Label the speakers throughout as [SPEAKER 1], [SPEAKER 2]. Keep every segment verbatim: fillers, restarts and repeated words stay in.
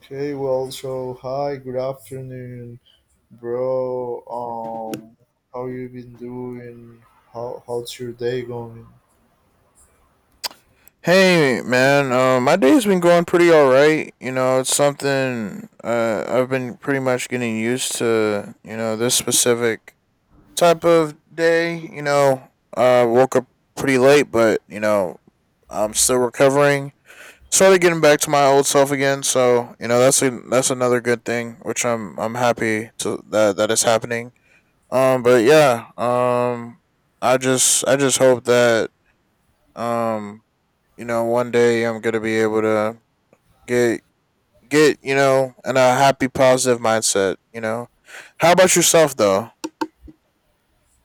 [SPEAKER 1] Okay, well, so hi, good afternoon, bro. Um, how you been doing? How how's your day going?
[SPEAKER 2] Hey man, uh, my day's been going pretty all right. You know, it's something uh, I've been pretty much getting used to. You know, this specific type of day. You know, uh, woke up pretty late, but you know, I'm still recovering. Started getting back to my old self again, so you know that's a, that's another good thing, which I'm I'm happy to that that is happening. Um, but yeah, um, I just I just hope that um you know, one day I'm gonna be able to get get you know, in a happy, positive mindset. You know, how about yourself though?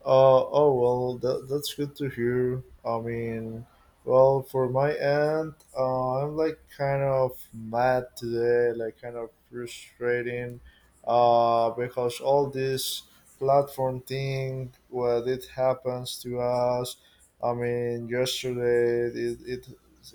[SPEAKER 1] Uh, oh well, that, that's good to hear. I mean, well, for my end, uh, I'm like kind of mad today, like kind of frustrating, uh, because all this platform thing, what it happens to us. I mean, yesterday it, it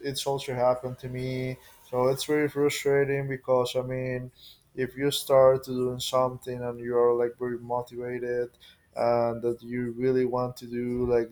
[SPEAKER 1] it's also happened to me, so it's very frustrating because I mean, if you start to doing something and you are like very motivated and that you really want to do like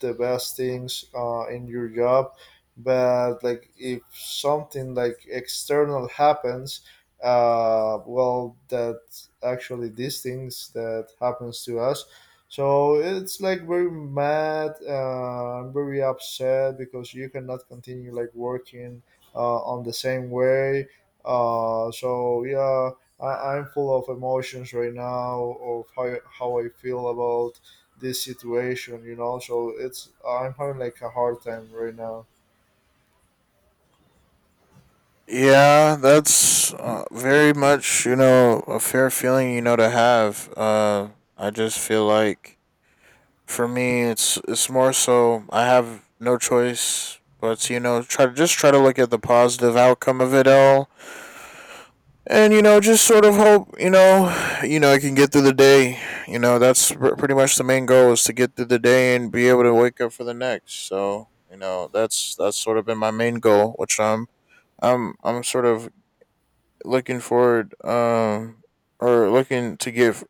[SPEAKER 1] the best things uh, in your job but like if something like external happens uh, well that actually these things that happens to us so it's like very mad uh, I'm very upset because you cannot continue like working uh, on the same way uh, so yeah, I, I'm full of emotions right now of how, how I feel about this situation, you know. So it's I'm having like a hard time right now.
[SPEAKER 2] Yeah, that's uh, very much you know a fair feeling you know to have. Uh, I just feel like for me, it's it's more so I have no choice but to, you know try to just try to look at the positive outcome of it all and you know just sort of hope you know you know I can get through the day you know that's pr- pretty much the main goal is to get through the day and be able to wake up for the next so you know that's that's sort of been my main goal which i'm i'm i'm sort of looking forward um or looking to get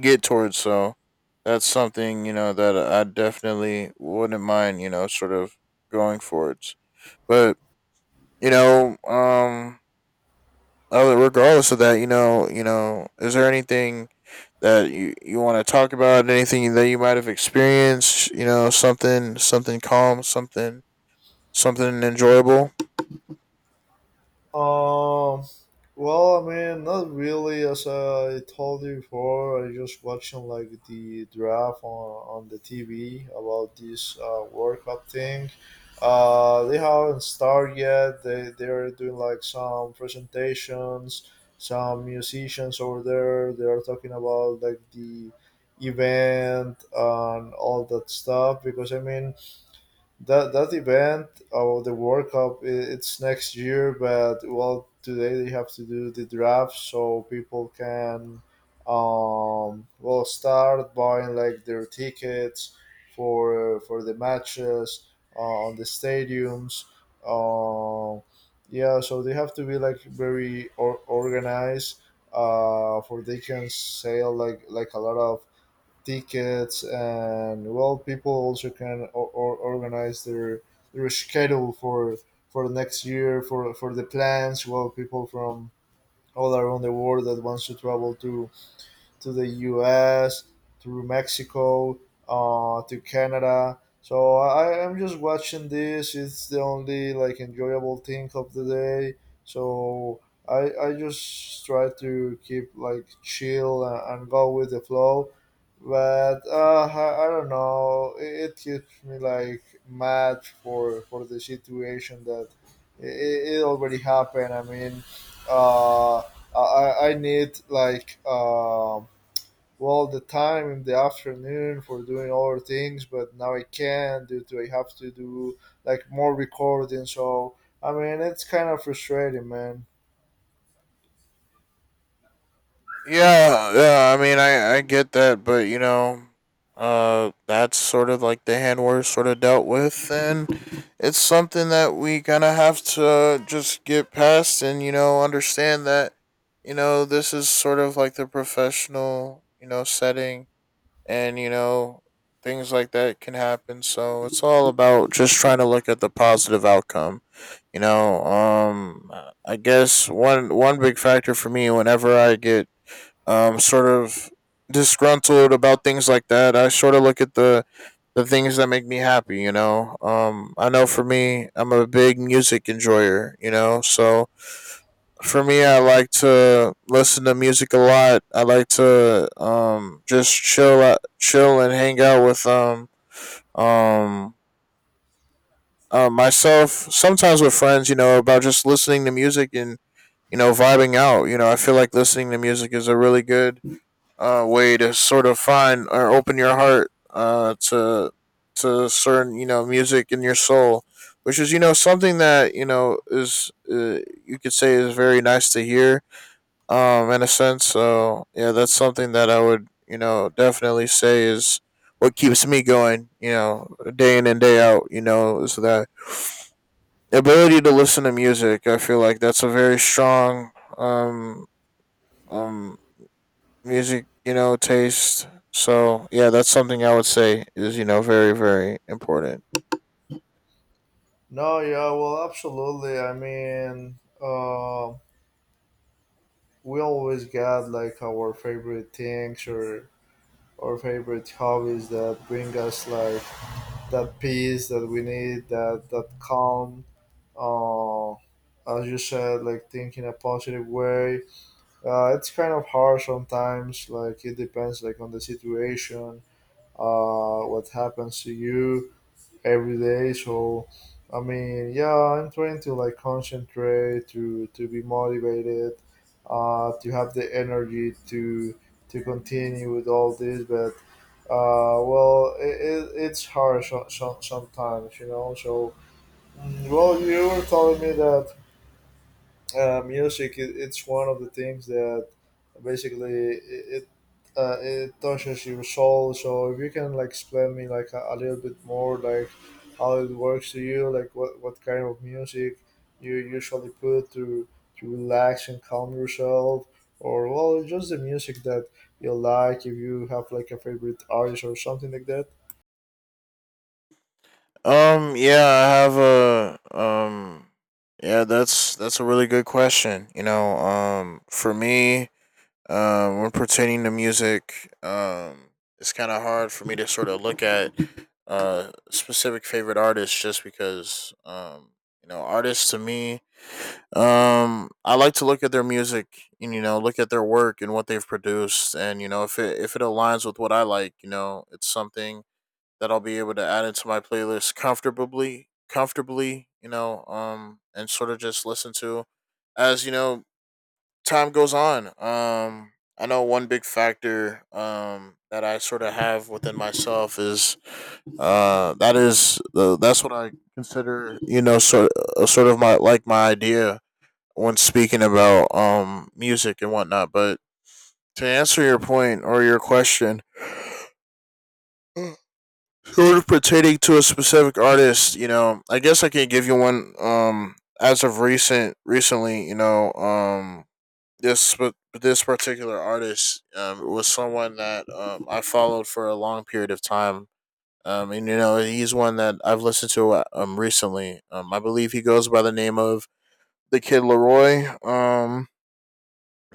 [SPEAKER 2] get towards so that's something you know that I definitely wouldn't mind you know sort of going forwards but you know um uh, regardless of that, you know, you know, is there anything that you, you want to talk about? Anything that you might have experienced? You know, something something calm, something something enjoyable.
[SPEAKER 1] Um, well, I mean, not really. As I told you before, I just watching like the draft on, on the T V about this uh, World Cup thing. Uh, they haven't started yet. They they're doing like some presentations. Some musicians over there. They are talking about like the event and all that stuff. Because I mean, that that event or the World Cup, i- it's next year. But well, today they have to do the draft so people can, um, well, start buying like their tickets for for the matches uh, on the stadiums. Um, yeah, so they have to be like very or- organized. Uh, for they can sell like like a lot of tickets, and well, people also can or, or organize their their schedule for for the next year for for the plans. Well, people from all around the world that wants to travel to to the U S, through Mexico, uh, to Canada. So I, I'm just watching this. It's the only like enjoyable thing of the day. So I I just try to keep like chill and, and go with the flow. But uh, I, I don't know. It, it keeps me like mad for for the situation that it, it already happened. I mean, uh, I I I need like um well the time in the afternoon for doing other things but now I can't due to I have to do like more recording, so I mean it's kind of frustrating, man.
[SPEAKER 2] Yeah, yeah. I mean, I I get that, but you know, uh, that's sort of like the hand we're sort of dealt with, and it's something that we kind of have to just get past, and you know, understand that you know this is sort of like the professional you know setting and you know things like that can happen so it's all about just trying to look at the positive outcome you know um I guess one one big factor for me whenever I get um sort of disgruntled about things like that I sort of look at the the things that make me happy you know um I know for me I'm a big music enjoyer you know so for me, I like to listen to music a lot. I like to um just chill out, chill and hang out with um um uh, myself. Sometimes with friends, you know, about just listening to music and you know vibing out. You know, I feel like listening to music is a really good uh way to sort of find or open your heart uh to to certain you know music in your soul. Which is, you know, something that you know is uh, you could say is very nice to hear um, in a sense. So yeah, that's something that I would, you know, definitely say is what keeps me going, you know, day in and day out, you know, is that ability to listen to music. I feel like that's a very strong um um music, you know, taste. So yeah, that's something I would say is, you know, very, very important.
[SPEAKER 1] No yeah well, absolutely, I mean, uh, we always got like our favorite things or our favorite hobbies that bring us like that peace that we need, that that calm, uh, as you said, like think in a positive way. Uh, it's kind of hard sometimes. Like it depends, like on the situation, uh, what happens to you every day. So, I mean, yeah, I'm trying to like concentrate to to be motivated, uh, to have the energy to to continue with all this. But, uh, well, it, it, it's hard so, so, sometimes, you know. So, mm, well, you were telling me that uh, music it, it's one of the things that basically it it, uh, it touches your soul, so if you can like explain me like a, a little bit more like how it works to you, like what, what kind of music you usually put to to relax and calm yourself, or well just the music that you like, if you have like a favorite artist or something like that.
[SPEAKER 2] Um, yeah, I have a um yeah, that's that's a really good question. You know, um for me, Um, when pertaining to music, um, it's kind of hard for me to sort of look at uh specific favorite artists just because um you know artists to me um I like to look at their music and you know look at their work and what they've produced and you know if it if it aligns with what I like you know it's something that I'll be able to add into my playlist comfortably comfortably you know um and sort of just listen to as you know time goes on, um, I know one big factor um, that I sort of have within myself is uh, that is the that's what I consider you know sort uh, sort of my like my idea when speaking about um, music and whatnot. But to answer your point or your question, sort of pertaining to a specific artist, you know, I guess I can give you one um, as of recent recently. You know, um, this but this particular artist um, was someone that um, I followed for a long period of time. Um, and you know he's one that I've listened to uh, um recently. Um, I believe he goes by the name of the Kid Leroy. Um,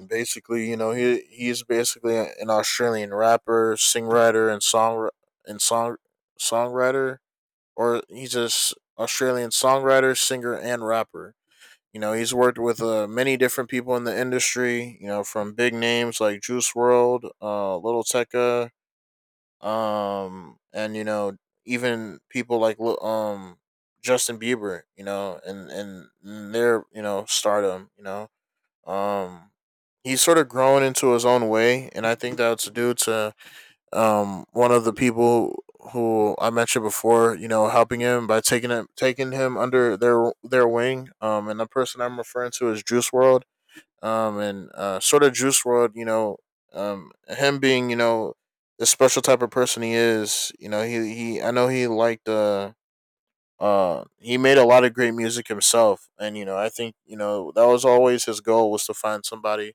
[SPEAKER 2] Basically, you know he he's basically an Australian rapper, songwriter, and song and song songwriter, or he's just Australian songwriter, singer, and rapper. You know, he's worked with uh, many different people in the industry. You know, from big names like Juice World, uh, Little Tekka, um, and you know, even people like um Justin Bieber. You know, and and their you know stardom. You know, um, he's sort of grown into his own way, and I think that's due to um, one of the people who I mentioned before, you know, helping him by taking him taking him under their their wing. Um, and the person I'm referring to is Juice World. Um, and uh, sort of Juice World, you know, um, him being, you know, the special type of person he is, you know, he he I know he liked uh uh he made a lot of great music himself and you know I think you know that was always his goal was to find somebody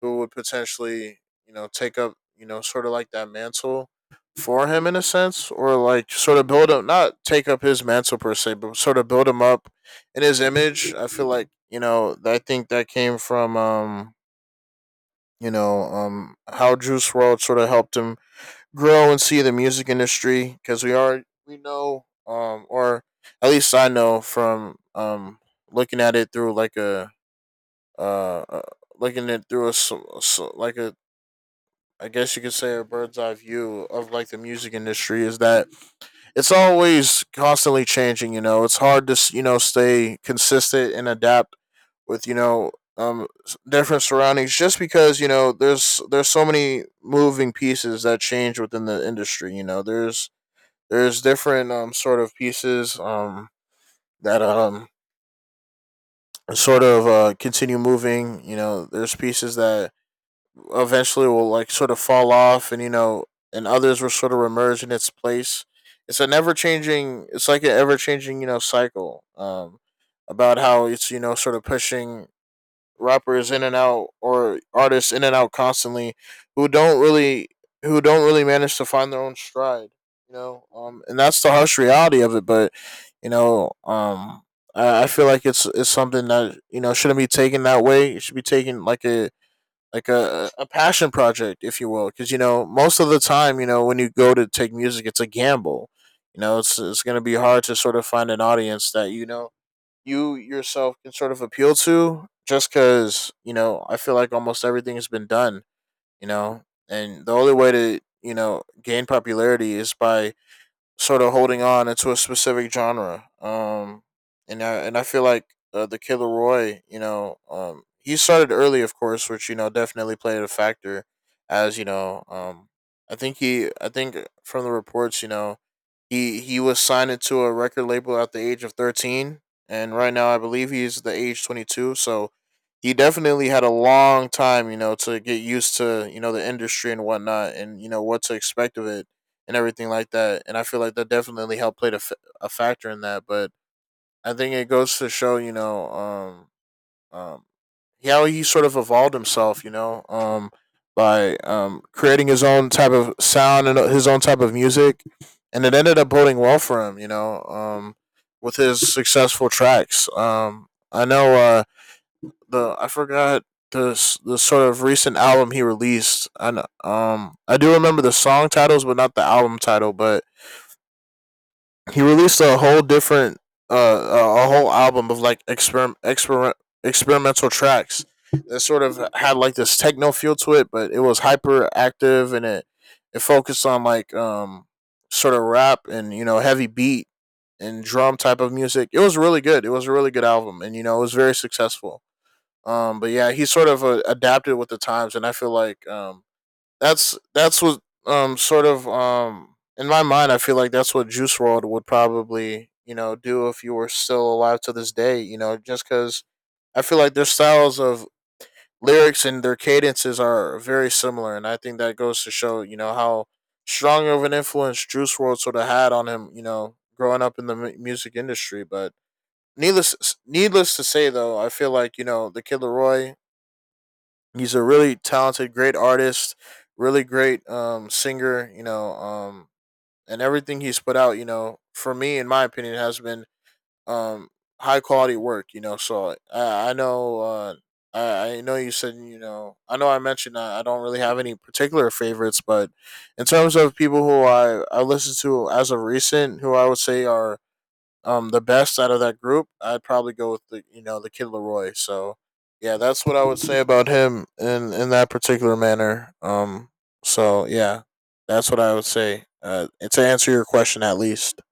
[SPEAKER 2] who would potentially, you know, take up, you know, sort of like that mantle for him in a sense, or like sort of build up, not take up his mantle per se, but sort of build him up in his image. I feel like, you know, I think that came from, um, you know, um, how Juice World sort of helped him grow and see the music industry because we are, we know, um, or at least I know from, um, looking at it through like a, uh, uh looking at it through a like a I guess you could say a bird's eye view of like the music industry is that it's always constantly changing. You know, it's hard to you know stay consistent and adapt with you know um different surroundings just because you know there's there's so many moving pieces that change within the industry. You know, there's there's different um sort of pieces um that um sort of uh continue moving. You know, there's pieces that eventually will like sort of fall off, and you know, and others will sort of emerge in its place. It's an ever changing. It's like an ever changing, you know, cycle. Um, about how it's you know sort of pushing rappers in and out or artists in and out constantly, who don't really who don't really manage to find their own stride. You know, um, and that's the harsh reality of it. But you know, um, I, I feel like it's it's something that you know shouldn't be taken that way. It should be taken like a like a, a passion project, if you will, because you know most of the time, you know when you go to take music, it's a gamble. You know, it's it's gonna be hard to sort of find an audience that you know you yourself can sort of appeal to, just because you know I feel like almost everything has been done. You know, and the only way to you know gain popularity is by sort of holding on into a specific genre. Um, and I and I feel like uh, the Killer Roy, you know, um, he started early, of course, which you know definitely played a factor. As you know, um, I think he, I think from the reports, you know, he he was signed into a record label at the age of thirteen, and right now I believe he's the age twenty two. So he definitely had a long time, you know, to get used to you know the industry and whatnot, and you know what to expect of it and everything like that. And I feel like that definitely helped played a, f- a factor in that. But I think it goes to show, you know, um, um, how he sort of evolved himself, you know, um, by um, creating his own type of sound and uh, his own type of music, and it ended up boding well for him, you know, um, with his successful tracks. Um, I know uh, the I forgot the the sort of recent album he released. I know, um I do remember the song titles, but not the album title. But he released a whole different uh a whole album of like experiment experiment experimental tracks that sort of had like this techno feel to it, but it was hyperactive and it it focused on like um sort of rap and you know heavy beat and drum type of music. It was really good. It was a really good album, and you know it was very successful. Um, but yeah, he sort of uh, adapted with the times, and I feel like um that's that's what um sort of um in my mind I feel like that's what Juice World would probably you know do if you were still alive to this day. You know, just because I feel like their styles of lyrics and their cadences are very similar, and I think that goes to show you know how strong of an influence Juice World sort of had on him. You know, growing up in the mu- music industry, but. Needless, needless to say, though, I feel like you know the Kid Leroy. He's a really talented, great artist, really great um, singer, you know, um, and everything he's put out, you know, for me, in my opinion, has been um, high quality work, you know. So I, I know, uh, I, I know you said, you know, I know I mentioned I, I don't really have any particular favorites, but in terms of people who I, I listen to as of recent, who I would say are um the best out of that group, I'd probably go with the you know the kid Leroy. So yeah, that's what I would say about him in in that particular manner. Um, so yeah, that's what I would say. Uh, to answer your question, at least.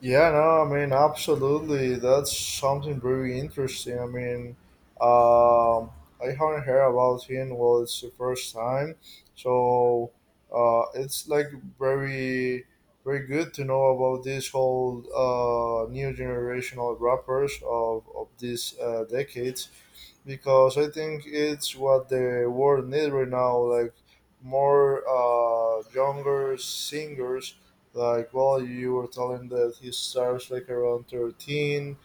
[SPEAKER 1] Yeah, no, I mean, absolutely. That's something very interesting. I mean, um, I haven't heard about him. Well, it's the first time, so uh, it's like very, very good to know about this whole uh, new generational rappers of of these uh, decades, because I think it's what the world needs right now, like more uh, younger singers. Like, well, you were telling that he starts like around thirteen.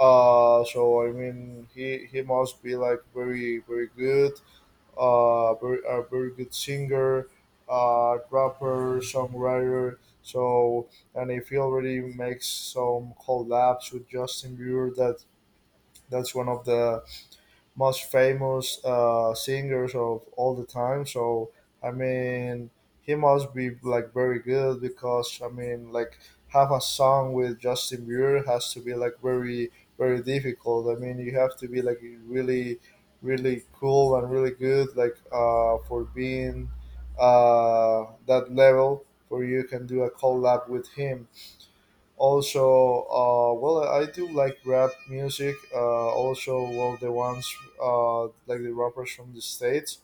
[SPEAKER 1] Uh, so I mean, he he must be like very very good. Uh, very, a very good singer, uh, rapper, songwriter. So and if he already makes some collabs with Justin Bieber, that that's one of the most famous uh, singers of all the time. So I mean, he must be like very good because I mean, like have a song with Justin Bieber has to be like very very difficult. I mean, you have to be like really really cool and really good like uh, for being uh, that level for you can do a collab with him. Also uh, well I do like rap music, uh, also, well, the ones uh, like the rappers from the states,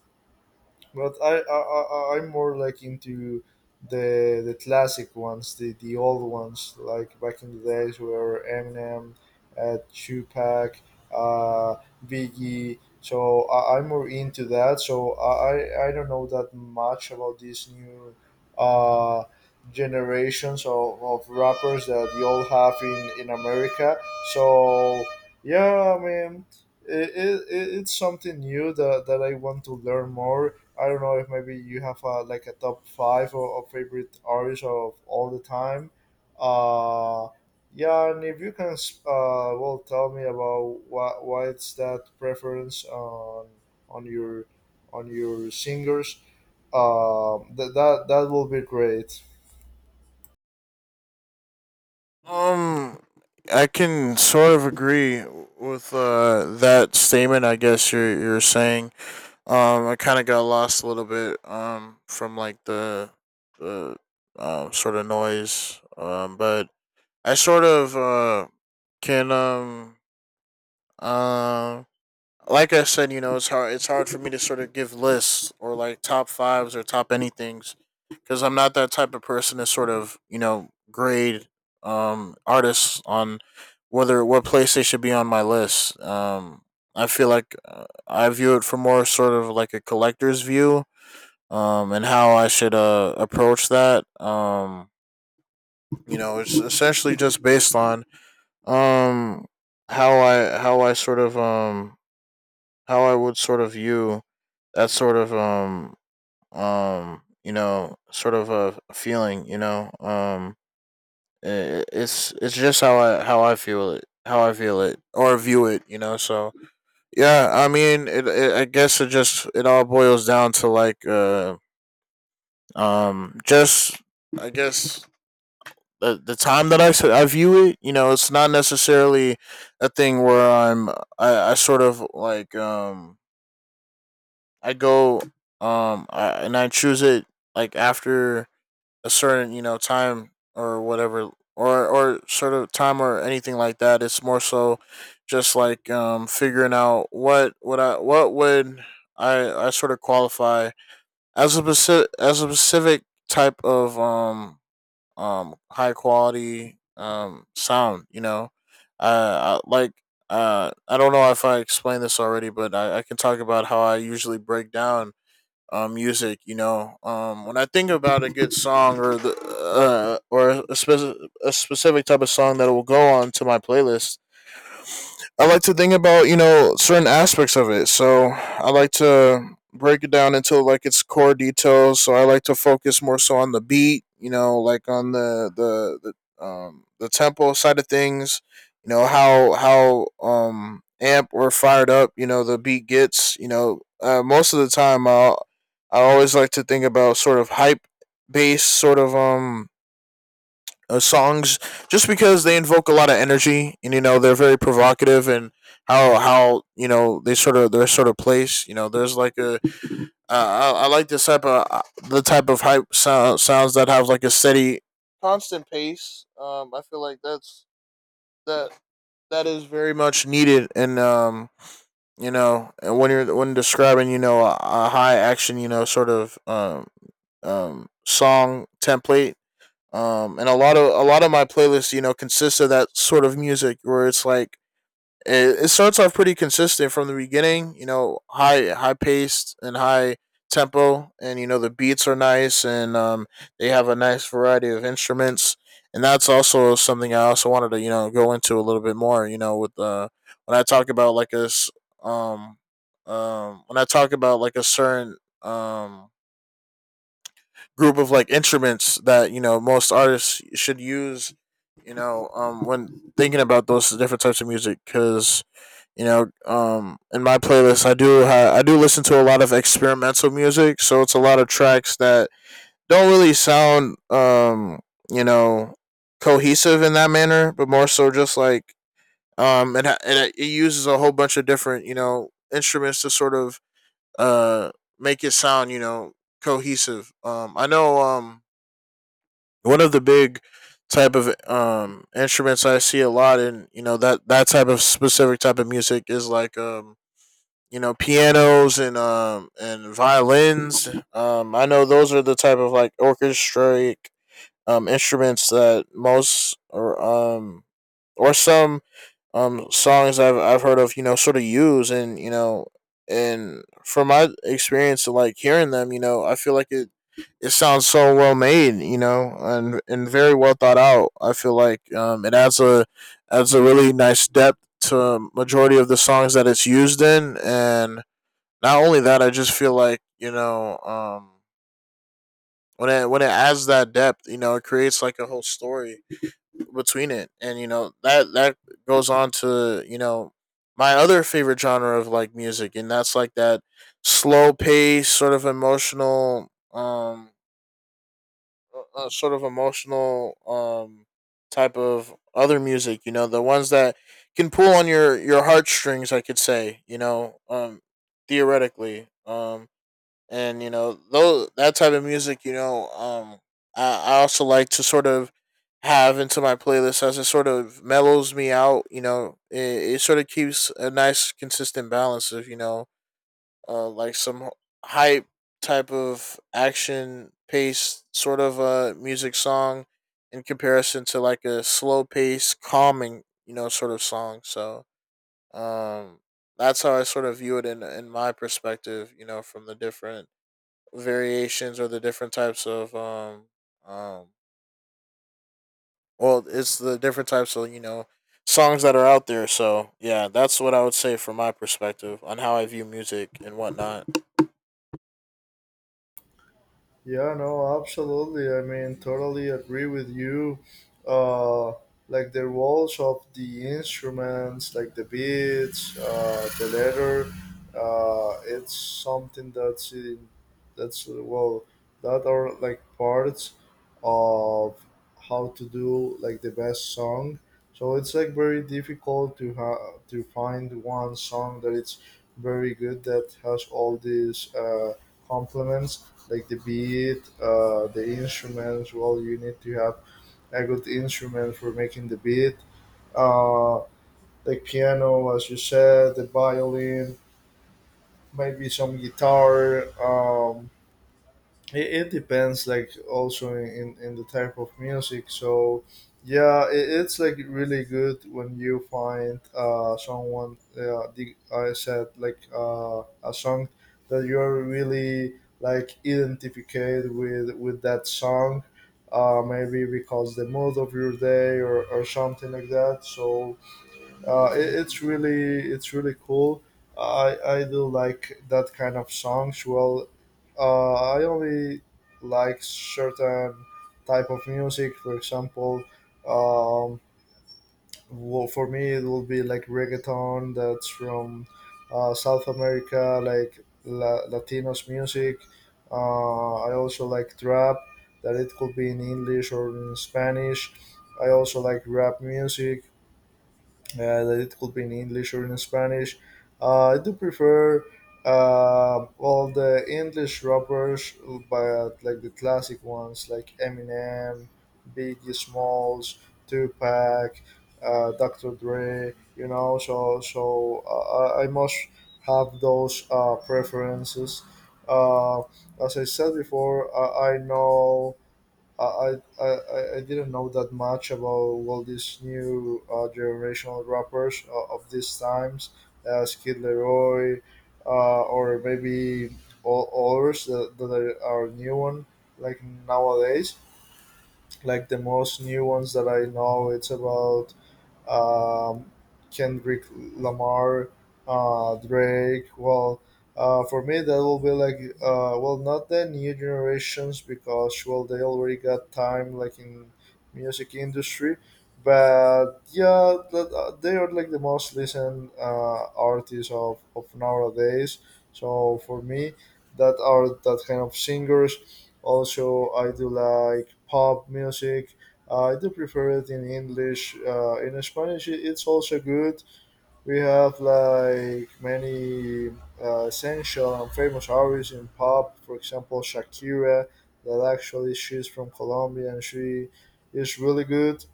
[SPEAKER 1] but I, I, I I'm more like into the the classic ones, the the old ones, like back in the days where Eminem, uh, Tupac, uh, Biggie. So I, I'm more into that. So I I I don't know that much about these new uh, generations of, of rappers that you all have in in America. So yeah, I mean. It, it, it's something new that, that I want to learn more. I don't know if maybe you have uh, like a top five or of favorite artists of all the time. Uh, yeah, and if you can, uh, well, tell me about why, why it's that preference on on your on your singers. Um, that that that will be great.
[SPEAKER 2] Um, I can sort of agree with uh that statement. I guess you're you're saying. Um, I kind of got lost a little bit. Um, from like the the um uh, sort of noise. Um, but I sort of uh, can um um like I said, you know, it's hard it's hard for me to sort of give lists or like top fives or top anythings because I'm not that type of person to sort of you know grade um artists on whether what place they should be on my list. Um, I feel like uh, I view it from more sort of like a collector's view. Um, and how I should uh approach that. Um, you know, it's essentially just based on um how i how I sort of um how I would sort of view that sort of um um you know sort of a feeling you know um I it's it's just how i how I feel it how i feel it or view it you know so yeah I mean it, it I guess it just it all boils down to like uh um just I guess the the time that I I view it, you know, it's not necessarily a thing where I'm I, I sort of like um I go um I, and I choose it like after a certain you know time or whatever or or sort of time or anything like that. It's more so just like um figuring out what would I what would I I sort of qualify as a specific as a specific type of um um high quality um sound you know uh I, like uh I don't know if I explained this already but I, I can talk about how I usually break down um music you know um when I think about a good song or the uh or a, spec- a specific type of song that will go on to my playlist. I like to think about, you know, certain aspects of it. So I like to break it down into like its core details. So I like to focus more so on the beat, you know, like on the the, the um the tempo side of things, you know, how how um amp or fired up, you know, the beat gets, you know, uh, most of the time I I always like to think about sort of hype based sort of um uh, songs just because they invoke a lot of energy and you know they're very provocative and how how you know they sort of their sort of place you know there's like a uh, I, I like this type of uh, the type of hype sound, sounds that have like a steady constant pace um I feel like that's that that is very much needed and um you know and when you're when describing you know a, a high action you know sort of um um song template um and a lot of a lot of my playlists you know consist of that sort of music where it's like it, it starts off pretty consistent from the beginning you know high high paced and high tempo and you know the beats are nice and um they have a nice variety of instruments, and that's also something I also wanted to you know go into a little bit more you know with uh when I talk about like a s- um um when I talk about like a certain um group of like instruments that you know most artists should use, you know um when thinking about those different types of music. Because you know um in my playlist i do ha- I do listen to a lot of experimental music so it's a lot of tracks that don't really sound um you know cohesive in that manner but more so just like um and it, ha- it uses a whole bunch of different you know instruments to sort of uh make it sound you know cohesive. Um i know um one of the big type of um instruments I see a lot in you know that that type of specific type of music is like um you know pianos and um and violins. Um, I know those are the type of like orchestraic um instruments that most or um or some um songs I've I've heard of, you know, sort of use, and you know and from my experience like hearing them, you know, I feel like it it sounds so well made, you know, and and very well thought out. I feel like um it adds a adds a really nice depth to majority of the songs that it's used in, and not only that, I just feel like, you know, um when it when it adds that depth, you know, it creates like a whole story between it, and you know that that goes on to you know my other favorite genre of like music, and that's like that slow pace sort of emotional um uh, uh, sort of emotional um type of other music, you know, the ones that can pull on your your heartstrings, I could say, you know um theoretically. Um and you know, though that type of music, you know um I, I also like to sort of have into my playlist as it sort of mellows me out. You know it, it sort of keeps a nice consistent balance of you know uh like some hype type of action pace sort of uh music song in comparison to like a slow pace calming you know sort of song. So um that's how I sort of view it in in my perspective, you know, from the different variations or the different types of um um well, it's the different types of you know songs that are out there. So yeah, that's what I would say from my perspective on how I view music and whatnot.
[SPEAKER 1] Yeah, no, absolutely. I mean, totally agree with you. Uh, like the roles of the instruments, like the beats, uh, the letter, uh, it's something that's in, that's uh, well, that are like parts of how to do like the best song. So it's like very difficult to ha- to find one song that it's very good that has all these uh, complements like the beat, uh, the instruments. Well, you need to have a good instrument for making the beat. Uh, the piano, as you said, the violin, maybe some guitar. Um, it, it depends like also in in the type of music, so yeah, it, it's like really good when you find uh someone, uh, the, I said like uh a song that you're really like identified with with that song, uh maybe because the mood of your day or or something like that, so uh, it, it's really it's really cool. I I do like that kind of songs. Well, uh, I only like certain type of music. For example, um, well, for me it will be like reggaeton, that's from uh, South America, like La- Latinos music. Uh, I also like trap that it could be in English or in Spanish. I also like rap music uh, that it could be in English or in Spanish. Uh, I do prefer uh, all the English rappers, but like the classic ones like Eminem, Biggie Smalls, Tupac, uh, Doctor Dre. You know, so so uh, I I must have those uh, preferences. Uh, as I said before, uh, I know I, I, I I didn't know that much about all these new uh, generational rappers uh, of these times, uh, Skid Leroy, uh, or maybe all others that, that are are new one like nowadays. Like the most new ones that I know, it's about um, Kendrick Lamar, uh, Drake. Well, uh, for me, that will be like, uh, well, not the new generations because, well, they already got time, like in music industry. But yeah, that, uh, they are like the most listened uh, artists of, of nowadays. So for me, that are that kind of singers. Also, I do like pop music. Uh, I do prefer it in English. Uh, in Spanish, it- it's also good. We have like many uh, essential and famous artists in pop. For example, Shakira, that actually she's from Colombia and she is really good.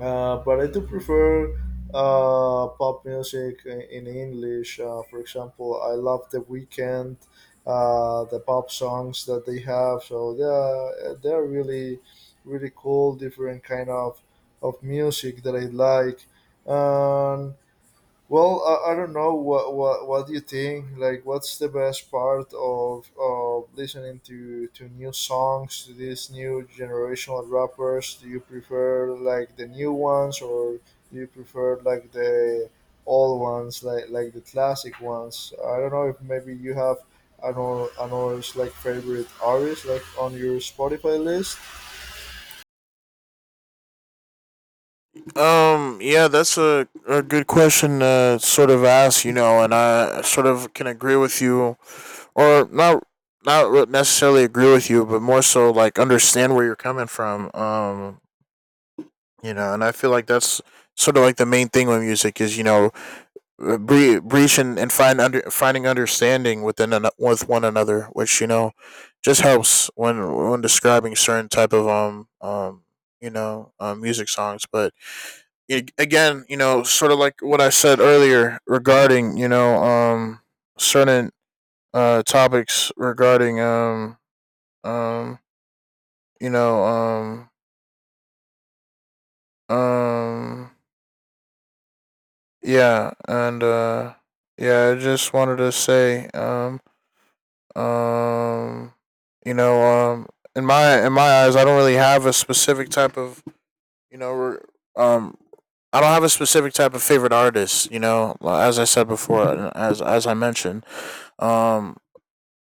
[SPEAKER 1] Uh, but I do prefer uh, pop music in in English. Uh, for example, I love The Weekend, uh, the pop songs that they have. So they're they're really really cool, different kind of of music that I like. Um, well, I, I don't know what, what what do you think? Like, what's the best part of of listening to to new songs, to these new generational rappers? Do you prefer like the new ones or do you prefer like the old ones, like like the classic ones? I don't know if maybe you have another another like favorite artist like on your Spotify list.
[SPEAKER 2] um yeah, that's a, a good question to sort of ask, you know, and I sort of can agree with you or not, not necessarily agree with you but more so like understand where you're coming from. um you know, and I feel like that's sort of like the main thing with music is you know uh, bre- breach and, and find under finding understanding within an, with one another, which you know just helps when when describing certain type of um um you know um, music songs. But a- again, you know, sort of like what I said earlier regarding you know um certain uh topics regarding um um you know um um yeah and uh yeah I just wanted to say um Um, you know, um, in my in my eyes, I don't really have a specific type of you know, re- um, I don't have a specific type of favorite artist. You know, like, as I said before, and as as I mentioned, um,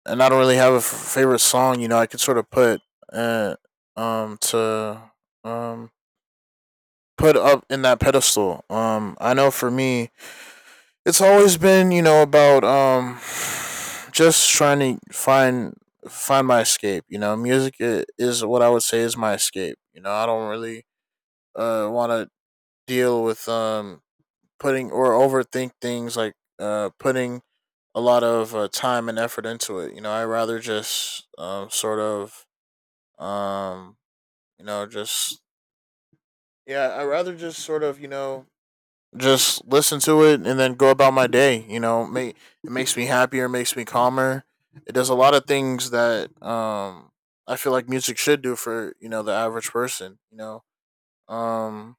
[SPEAKER 2] and I don't really have a f- favorite song. You know, I could sort of put uh, um to um put up in that pedestal. Um, I know for me, it's always been, you know about um just trying to find find my escape. You know music is what I would say is my escape. You know i don't really uh want to deal with um putting or overthink things like uh putting a lot of uh, time and effort into it. You know i rather just um sort of um you know just, yeah, I rather just sort of, you know just listen to it and then go about my day. You know, make, it makes me happier, makes me calmer. It does a lot of things that um, I feel like music should do for, you know the average person. You know, um,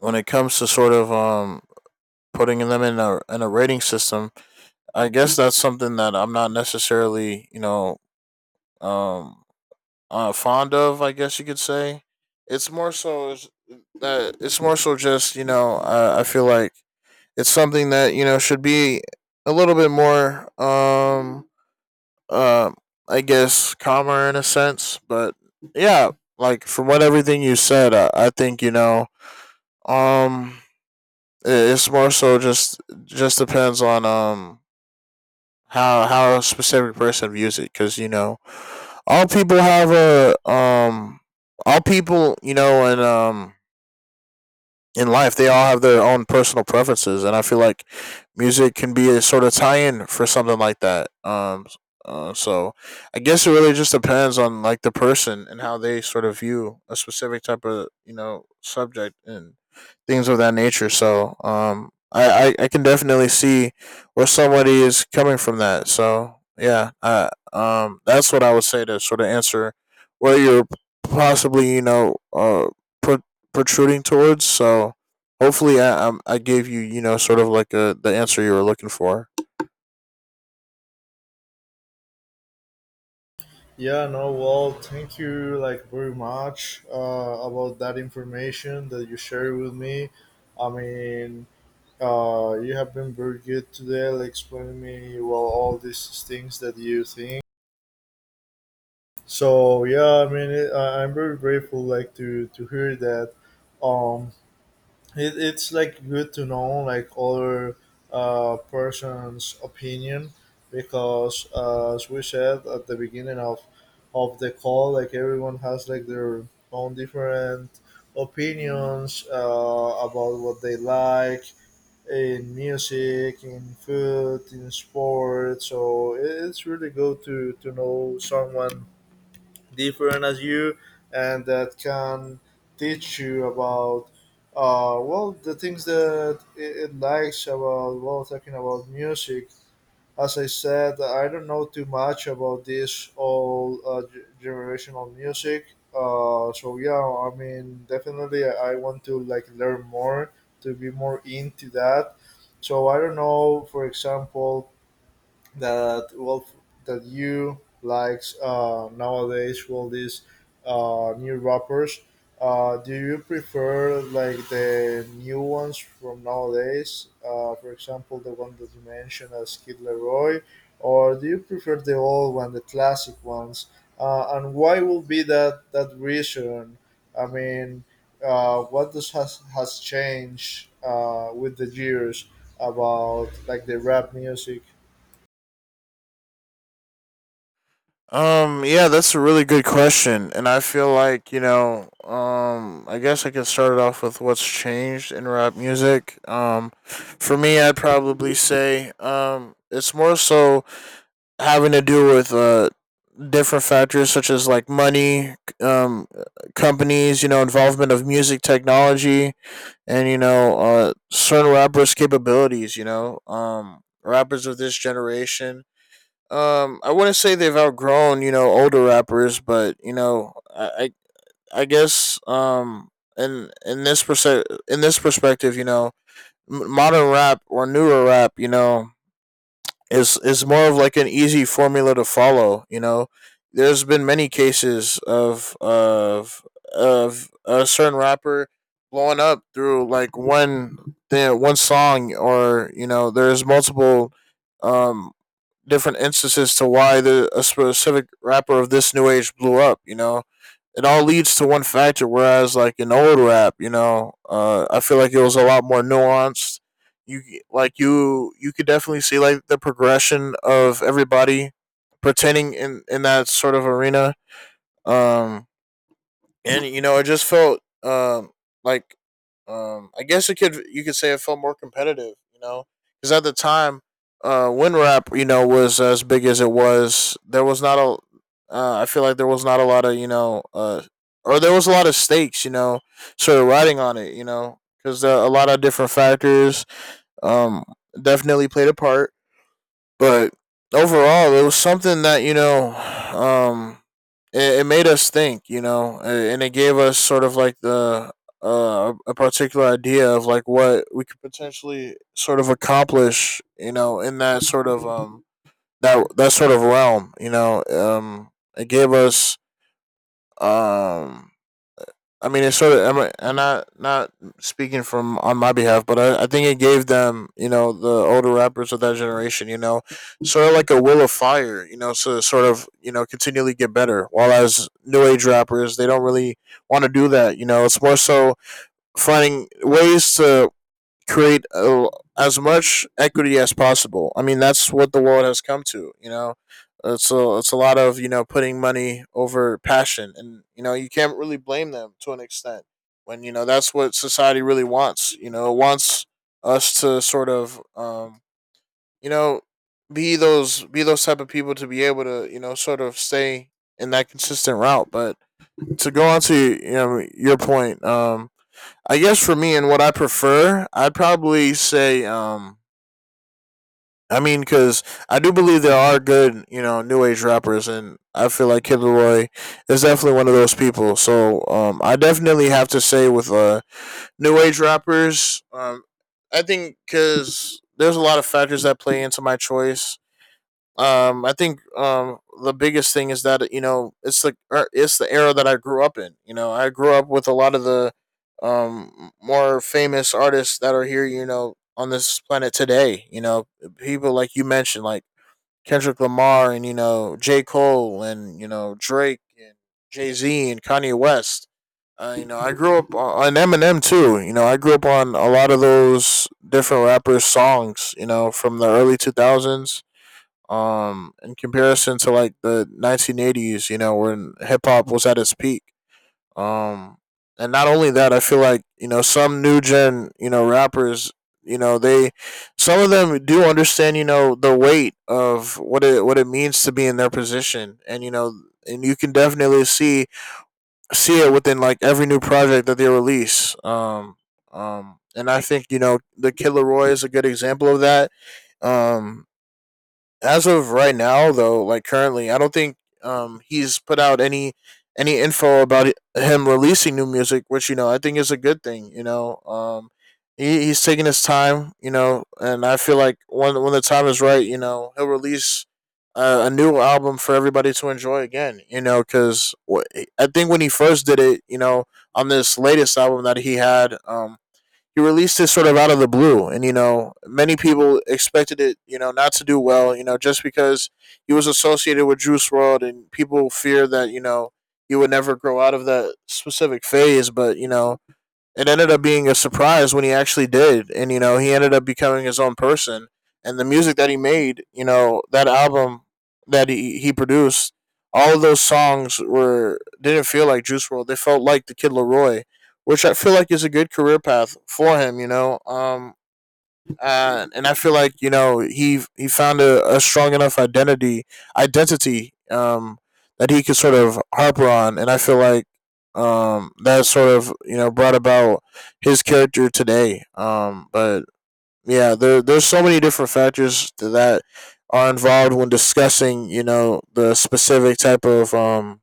[SPEAKER 2] when it comes to sort of, um, putting them in a in a rating system, I guess that's something that I'm not necessarily, you know um, uh, fond of. I guess you could say it's more so is that it's more so just, you know I, I feel like it's something that, you know should be a little bit more, um uh, I guess, calmer in a sense, but yeah, like from what everything you said, I, I think, you know um it's more so just just depends on, um how how a specific person views it, because, you know all people have a um all people, you know and, um in life, they all have their own personal preferences, and I feel like music can be a sort of tie-in for something like that. Um uh, so I guess it really just depends on like the person and how they sort of view a specific type of, you know subject, and things of that nature. So, um i i, I can definitely see where somebody is coming from that. So yeah, uh, um that's what I would say to sort of answer where you're possibly, you know uh pro- protruding towards. So hopefully, I I'm- I gave you, you know sort of like a the answer you were looking for.
[SPEAKER 1] Yeah, no, well, thank you like very much uh, about that information that you shared with me. I mean, uh, you have been very good today, like explaining me well all these things that you think. So yeah, I mean, it, I- I'm very grateful like to to hear that. Um, it, it's like good to know like other uh, person's opinion because uh, as we said at the beginning of of the call, like everyone has like their own different opinions uh, about what they like in music, in food, in sports, so it- it's really good to to know someone different as you and that can teach you about uh, well the things that it, it likes about, well, talking about music. As I said, I don't know too much about this all uh, g- generational music, uh, so yeah, I mean, definitely i I want to like learn more to be more into that. So I don't know, for example, that well, that you likes uh, nowadays all these uh, new rappers, uh, do you prefer like the new ones from nowadays, uh, for example the one that you mentioned as Kid Leroy, or do you prefer the old one, the classic ones, uh, and why will be that that reason? I mean, uh, what does has has changed uh, with the years about like the rap music.
[SPEAKER 2] Um, yeah, that's a really good question. And I feel like, you know, um, I guess I could start it off with what's changed in rap music. Um, for me, I'd probably say, um, it's more so having to do with, uh, different factors, such as like money, um, companies, you know, involvement of music technology, and, you know, uh, certain rappers' capabilities. You know, um, rappers of this generation. Um, I wouldn't say they've outgrown, you know older rappers, but, you know, I I, I guess, um, in in this perse- in this perspective, you know, m- modern rap or newer rap, you know is is more of like an easy formula to follow. You know, there's been many cases of of of a certain rapper blowing up through like one thing, one song, or, you know, there's multiple, um different instances to why the a specific rapper of this new age blew up. You know, it all leads to one factor. Whereas like in old rap, you know, uh, I feel like it was a lot more nuanced. You like you you could definitely see like the progression of everybody pertaining in in that sort of arena. Um, and, you know, it just felt, um like, um I guess it could you could say it felt more competitive, you know, because at the time, uh, WinRap, you know was as big as it was. There was not a uh, I feel like there was not a lot of, you know uh or there was a lot of stakes, you know, sort of riding on it, you know, because, uh, a lot of different factors, um definitely played a part, but overall, it was something that, you know, um, it, it made us think, you know, and it gave us sort of like the uh, a particular idea of like what we could potentially sort of accomplish, you know, in that sort of, um that that sort of realm, you know, um, it gave us um I mean, it sort of, I'm- and not not speaking from on my behalf, but, I, I think it gave them, you know, the older rappers of that generation, you know, sort of like a will of fire, you know, to sort of, you know, continually get better. While as new age rappers, they don't really want to do that, you know. It's more so finding ways to create, uh, as much equity as possible. I mean, that's what the world has come to. You know, it's a it's a lot of, you know putting money over passion, and, you know you can't really blame them to an extent when, you know that's what society really wants. You know, it wants us to sort of, um, you know be those be those type of people to be able to, you know sort of stay in that consistent route. But, to go on to, you know your point, um, I guess for me and what I prefer, I'd probably say, um, I mean, because I do believe there are good, you know, new age rappers, and I feel like Kid Leroy is definitely one of those people. So, um, I definitely have to say with, uh, new age rappers. um, I think, because there's a lot of factors that play into my choice. Um i think um the biggest thing is that, you know it's the er, it's the era that I grew up in. You know i grew up with a lot of the, um more famous artists that are here, you know on this planet today. You know people like you mentioned, like Kendrick Lamar, and, you know J Cole, and, you know Drake, and Jay-Z, and Kanye West. Uh, you know i grew up on Eminem too. You know i grew up on a lot of those different rappers' songs, you know from the early two thousands, um in comparison to like the nineteen eighties, you know when hip hop was at its peak. Um and not only that, I feel like, you know some new gen, you know rappers, you know they some of them do understand, you know the weight of what it what it means to be in their position. And, you know and you can definitely see see it within like every new project that they release. Um um and i think, you know the Killer Roy is a good example of that. Um as of right now, though, like currently, I don't think, um he's put out any any info about, it- him releasing new music. Which, you know I think is a good thing. You know um he, he's taking his time, you know and I feel like when when the time is right, you know he'll release a, a new album for everybody to enjoy again, you know because I think when he first did it, you know on this latest album that he had, um he released this sort of out of the blue, and, you know, many people expected it, you know, not to do well, you know, just because he was associated with Juice World, and people fear that, you know he would never grow out of that specific phase, but, you know, it ended up being a surprise when he actually did. And, you know he ended up becoming his own person, and the music that he made, you know that album that he, he produced, all of those songs were didn't feel like Juice World. They felt like the Kid Leroy, which I feel like is a good career path for him. You know um uh, and I feel like, you know he he found a, a strong enough identity identity, um, that he could sort of harper on. And I feel like, um, that sort of, you know brought about his character today. Um, but yeah, there there's so many different factors that are involved when discussing, you know, the specific type of, um,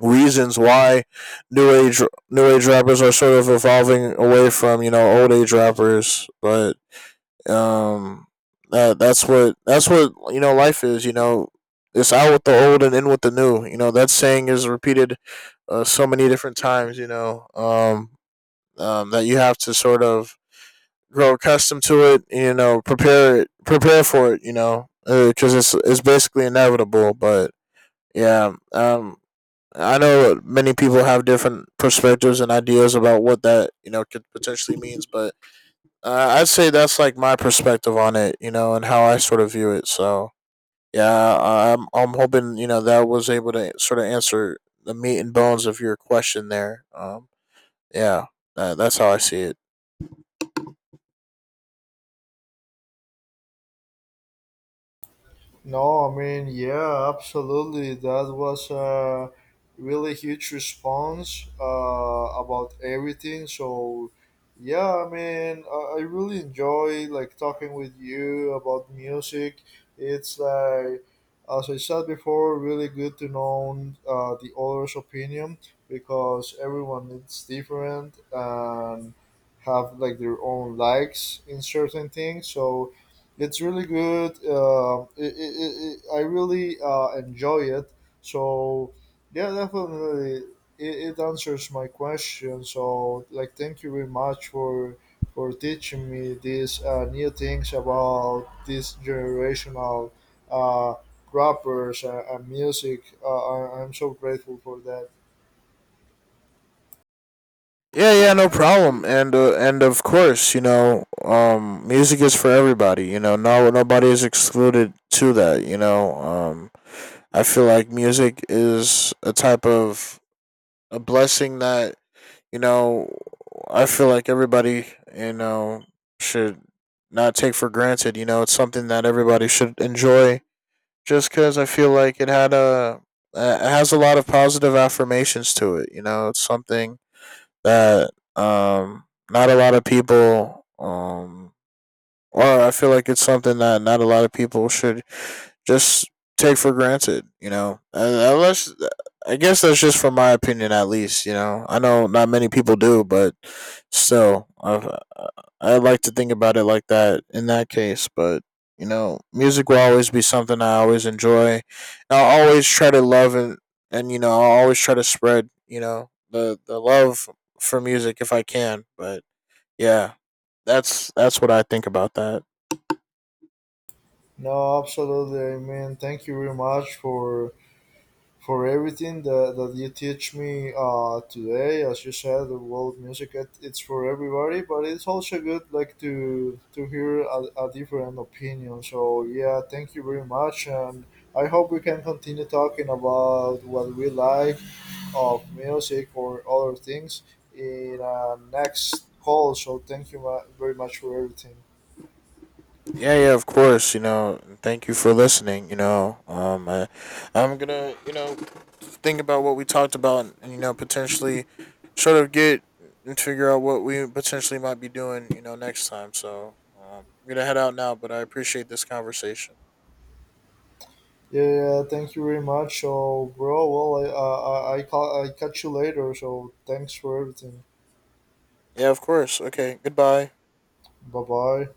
[SPEAKER 2] reasons why new age new age rappers are sort of evolving away from, you know old age rappers. But, um, that that's what that's what, you know. Life is, you know, it's out with the old and in with the new. You know that saying is repeated, uh, so many different times. You know, um, um, that you have to sort of grow accustomed to it. You know, prepare it, prepare for it. You know, because, uh, it's it's basically inevitable. But yeah, um, I know many people have different perspectives and ideas about what that, you know could potentially means, but, uh, I'd say that's like my perspective on it, you know, and how I sort of view it. So yeah, I- am I'm hoping, you know that was able to sort of answer the meat and bones of your question there. Um, yeah, uh, that's how I see it.
[SPEAKER 1] No, I mean, yeah, absolutely. That was a really huge response uh, about everything. So, yeah, I mean, I, I really enjoy like talking with you about music. It's like, as I said before, really good to know uh, the other's opinion because everyone is different and have like their own likes in certain things. So it's really good. Uh, it, it, it, it- I really uh, enjoy it. So yeah, definitely, it, it answers my question. So like, thank you very much for for teaching me these uh, new things about this generational uh, rappers and, and music. Uh, I, I'm so grateful for that.
[SPEAKER 2] Yeah, yeah, no problem. And uh, and of course, you know, um, music is for everybody. You know, no nobody is excluded to that. You know, um, I feel like music is a type of a blessing that, you know, I feel like everybody, you know, should not take for granted. You know, it's something that everybody should enjoy, just because I feel like it had a, uh, it has a lot of positive affirmations to it. You know, it's something that, um, not a lot of people, um, or I feel like it's something that not a lot of people should just take for granted, you know. Uh, Unless, I guess, that's just from my opinion, at least. You know, I know not many people do, but still, I I like to think about it like that. In that case, but, you know, music will always be something I always enjoy. I'll always try to love, and and you know, I'll always try to spread, you know the the love for music if I can. But yeah, that's that's what I think about that.
[SPEAKER 1] No, absolutely. I mean, thank you very much for for everything that, that you teach me uh, today. As you said, the world music it, it's for everybody, but it's also good like to to hear a, a different opinion. So yeah, thank you very much, and I hope we can continue talking about what we like of music or other things in our next call. So thank you ma- very much for everything.
[SPEAKER 2] Yeah, yeah, of course. You know, and thank you for listening. You know, um, I, I'm gonna, you know, think about what we talked about, and, you know, potentially sort of get and figure out what we potentially might be doing, you know, next time. So, um, I'm gonna head out now, but I appreciate this conversation.
[SPEAKER 1] Yeah, thank you very much. So, bro, well, I, uh, I, I, I ca- I catch you later. So, thanks for everything.
[SPEAKER 2] Yeah, of course. Okay, goodbye.
[SPEAKER 1] Bye bye.